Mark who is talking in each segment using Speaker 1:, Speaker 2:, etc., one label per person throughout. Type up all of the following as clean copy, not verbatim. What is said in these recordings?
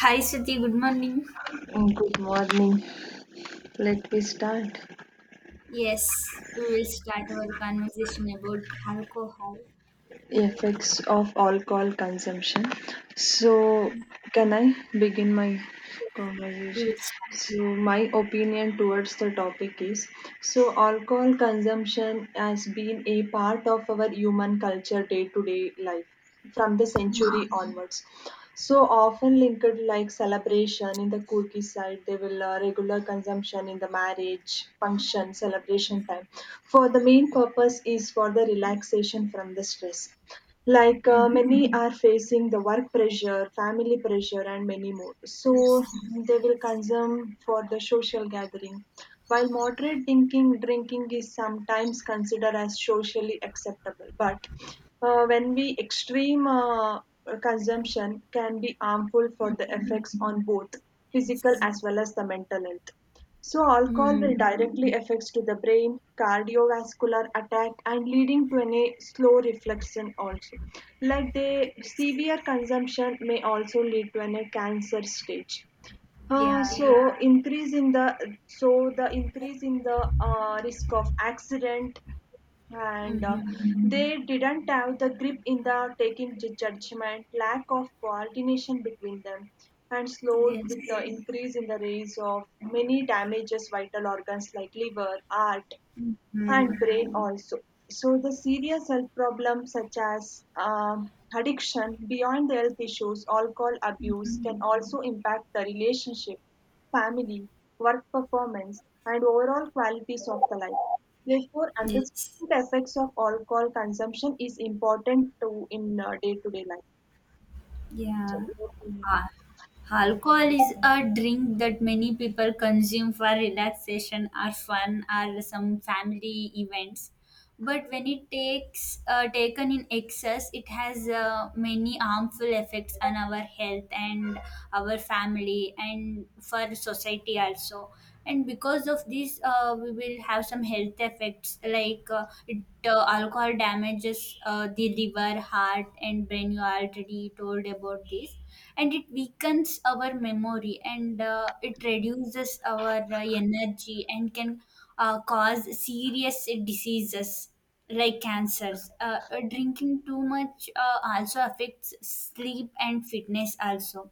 Speaker 1: Hi, Siti. Good morning.
Speaker 2: Good morning. Let me start.
Speaker 1: Yes, we will start our conversation about alcohol.
Speaker 2: Effects of alcohol consumption. So, can I begin my
Speaker 1: We
Speaker 2: conversation?
Speaker 1: will start.
Speaker 2: My opinion towards the topic is: alcohol consumption has been a part of our human culture day to day life from the
Speaker 1: Mm,
Speaker 2: century onwards. So often linked like celebration in the Kurki side, they will regular consumption in the marriage function celebration time. For the main purpose is for the relaxation from the stress like
Speaker 1: mm,
Speaker 2: many are facing the work pressure family pressure and many more, so
Speaker 1: yes.
Speaker 2: they will
Speaker 1: Yes.
Speaker 2: consume for the social gathering while moderate drinking is sometimes considered as socially acceptable. But when we extreme consumption can be harmful for
Speaker 1: Mm,
Speaker 2: the effects on both physical
Speaker 1: yes.
Speaker 2: as well as the mental health. So alcohol will
Speaker 1: Mm,
Speaker 2: directly affects to the brain, cardiovascular attack and leading to any slow reflection also. Like the severe consumption may also lead to any cancer stage. Uh,
Speaker 1: Yeah.
Speaker 2: so Yeah. increase in the so the increase in the risk of accident and
Speaker 1: Mm-hmm.
Speaker 2: they didn't have the grip in the taking judgment, lack of coordination between them, and slowed with the
Speaker 1: Yes.
Speaker 2: increase in the rates of many damages vital organs like liver, heart, and
Speaker 1: Mm.
Speaker 2: brain also. So the serious health problems such as addiction, beyond the health issues, alcohol abuse
Speaker 1: Mm,
Speaker 2: can also impact the relationship, family, work performance, and overall qualities of the life. Therefore, understanding
Speaker 1: yes.
Speaker 2: the effects of alcohol consumption is important to in day to day life.
Speaker 1: Yeah.
Speaker 2: So,
Speaker 1: Ah. Alcohol is a drink that many people consume for relaxation or fun or some family events. But when it takes taken in excess, it has many harmful effects on our health and our family and for society also. And because of this, we will have some health effects like alcohol damages the liver, heart, and brain. You already told about this, and it weakens our memory, and it reduces our energy, and can cause serious diseases like cancers. Drinking too much also affects sleep and fitness also,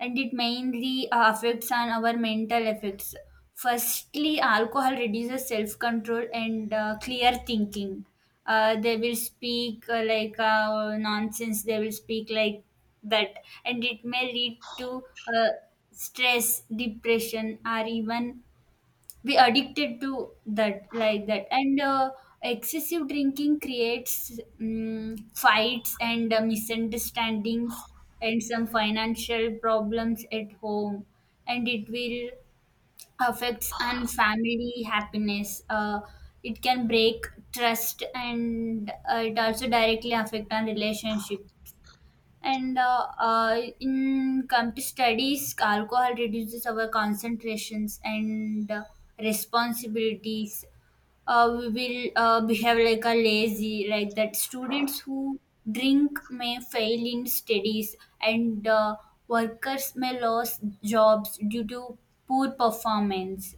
Speaker 1: and it mainly affects on our mental effects. Firstly, alcohol reduces self control and clear thinking. They will speak like nonsense, they will speak like that, and it may lead to uh, stress, depression, or even be addicted to that like that. And excessive drinking creates fights and misunderstandings and some financial problems at home, and it will affects on family happiness. It can break trust, and it also directly affect on relationship. And In come to studies, alcohol reduces our concentrations and responsibilities. We will behave like a lazy like that. Students who drink may fail in studies, and workers may lose jobs due to poor performance.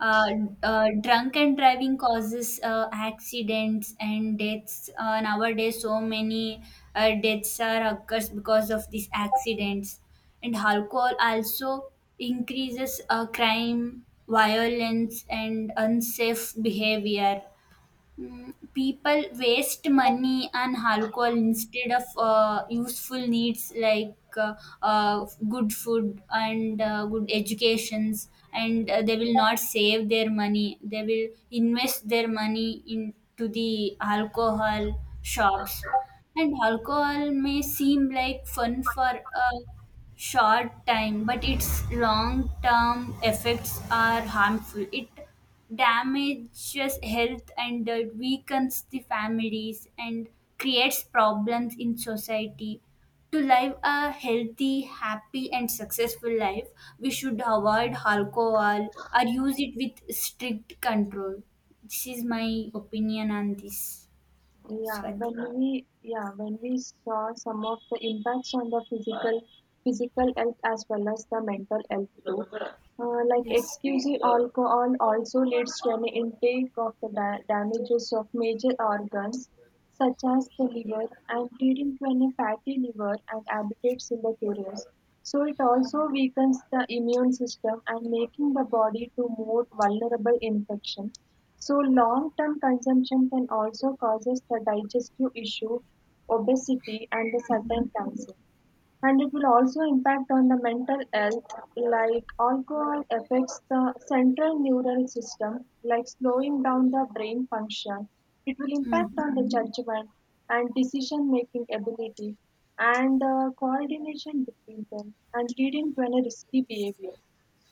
Speaker 1: uh, Drunk and driving causes accidents and deaths. Nowadays, so many deaths are occurs because of these accidents. And alcohol also increases crime, violence, and unsafe behavior. People waste money on alcohol instead of useful needs like good food and good educations, and they will not save their money, they will invest their money into the alcohol shops. And alcohol may seem like fun for a short time, but its long term effects are harmful. It damages health and weakens the families and creates problems in society. To live a healthy, happy, and successful life, we should avoid alcohol or use it with strict control. This is my opinion on this,
Speaker 2: Yeah,
Speaker 1: Swati.
Speaker 2: when we yeah when we saw some of the impacts on the physical health as well as the mental health too, like
Speaker 1: Yes.
Speaker 2: excessive alcohol also leads to an intake of the damages of major organs, such as the liver and leading to an fatty liver and habitates in the curious. So it also weakens the immune system and making the body to more vulnerable infection. So long-term consumption can also causes the digestive issue, obesity and the
Speaker 1: Mm-hmm.
Speaker 2: certain cancer. And it will also impact on the mental health, like alcohol affects the central neural system, like slowing down the brain function. It will impact on the judgment and decision making ability and the coordination between them and leading to a risky behavior.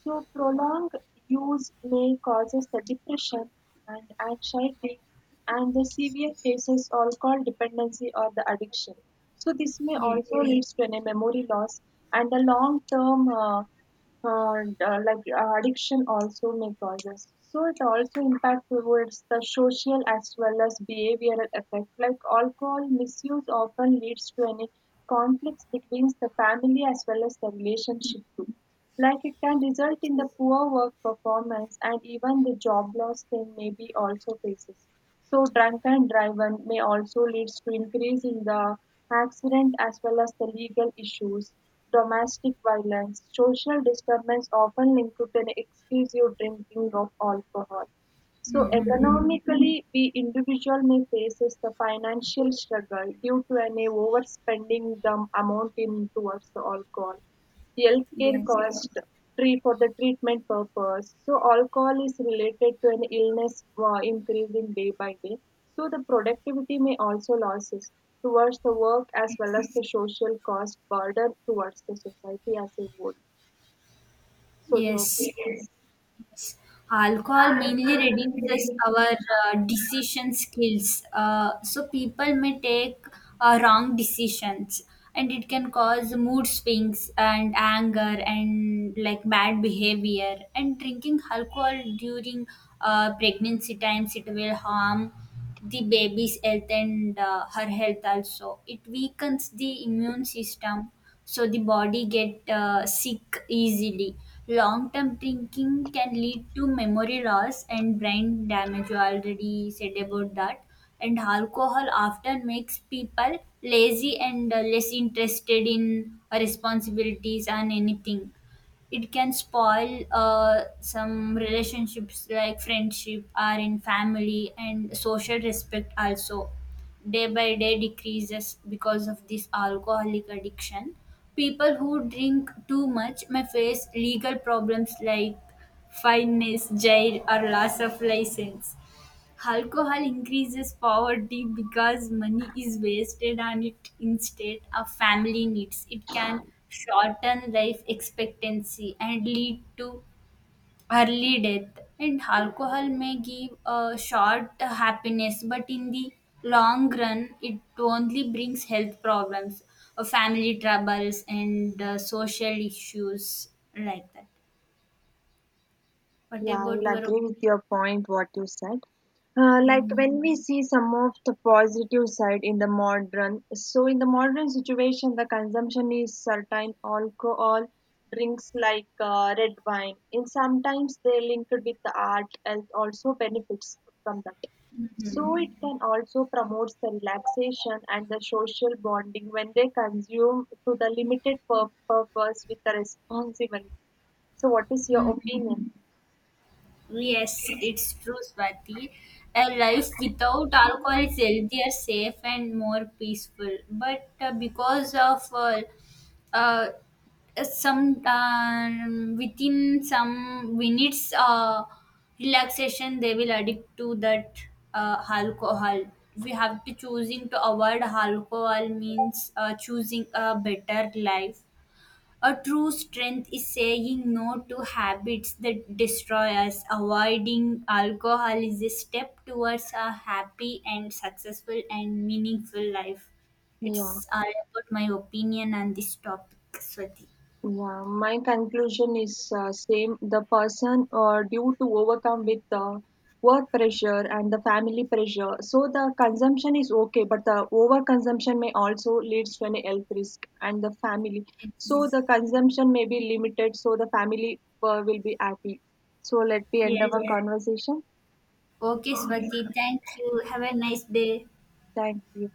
Speaker 2: So prolonged use may causes the depression and anxiety and the severe cases are called dependency or the addiction. So this may
Speaker 1: Yeah.
Speaker 2: also leads to a memory loss and the long term addiction also may causes. So it also impact towards the social as well as behavioral effect. Like alcohol misuse often leads to any conflicts between the family as well as the relationship too. Like it can result in the poor work performance and even the job loss can maybe also faces. So drunk and driven may also leads to increase in the accident as well as the legal issues, domestic violence, social disturbance often linked to an excessive drinking of alcohol. So
Speaker 1: Mm-hmm.
Speaker 2: economically, we individual may faces the financial struggle due to an overspending the amount in towards the alcohol healthcare
Speaker 1: Yes.
Speaker 2: cost tree for the treatment purpose. So alcohol is related to an illness increasing day by day. So the productivity may also losses towards the work as well as the social cost burden towards the society as a whole. So your
Speaker 1: Yes.
Speaker 2: opinion?
Speaker 1: Yes. Alcohol mainly reduces our decision skills. So people may take wrong decisions, and it can cause mood swings and anger and like bad behavior. And drinking alcohol during pregnancy times, it will harm the baby's health and her health also. It weakens the immune system, so the body get sick easily. Long term drinking can lead to memory loss and brain damage, you already said about that. And alcohol often makes people lazy and less interested in responsibilities and anything. It can spoil some relationships like friendship or in family, and social respect also day by day decreases because of this alcoholic addiction. People who drink too much may face legal problems like fines, jail, or loss of license. Alcohol increases poverty because money is wasted on it instead of family needs. It can shorten life expectancy and lead to early death. And alcohol may give a short happiness, but in the long run, it only brings health problems, family troubles, and social issues like that. What about your
Speaker 2: Side. Like
Speaker 1: opinion?
Speaker 2: when we see some of the positive side in the modern, so in the modern situation, the consumption is certain alcohol drinks like red wine and sometimes they linked with the art and also benefits from that. So it can also promote the relaxation and the social bonding when they consume to the limited purpose with the responsibility. So what is your opinion?
Speaker 1: Yes, it's true, Swati. A life without alcohol is healthier, safe, and more peaceful. But because of uh, some within some minutes, relaxation, they will addict to that alcohol. We have to choosing to avoid alcohol means choosing a better life. A true strength is saying no to habits that destroy us. Avoiding alcohol is a step towards a happy and successful and meaningful life.
Speaker 2: Yeah.
Speaker 1: It's all about my opinion on this topic, Swati.
Speaker 2: Yeah, my conclusion is same. The person due to overcome with the work pressure and the family pressure. So the consumption is okay, but the overconsumption may also leads to an health risk and the family. So
Speaker 1: It's,
Speaker 2: the consumption may be limited, so the family will be happy. So let me end
Speaker 1: yes.
Speaker 2: our conversation.
Speaker 1: Okay, Swati. Thank you. Have a nice day.
Speaker 2: Thank you.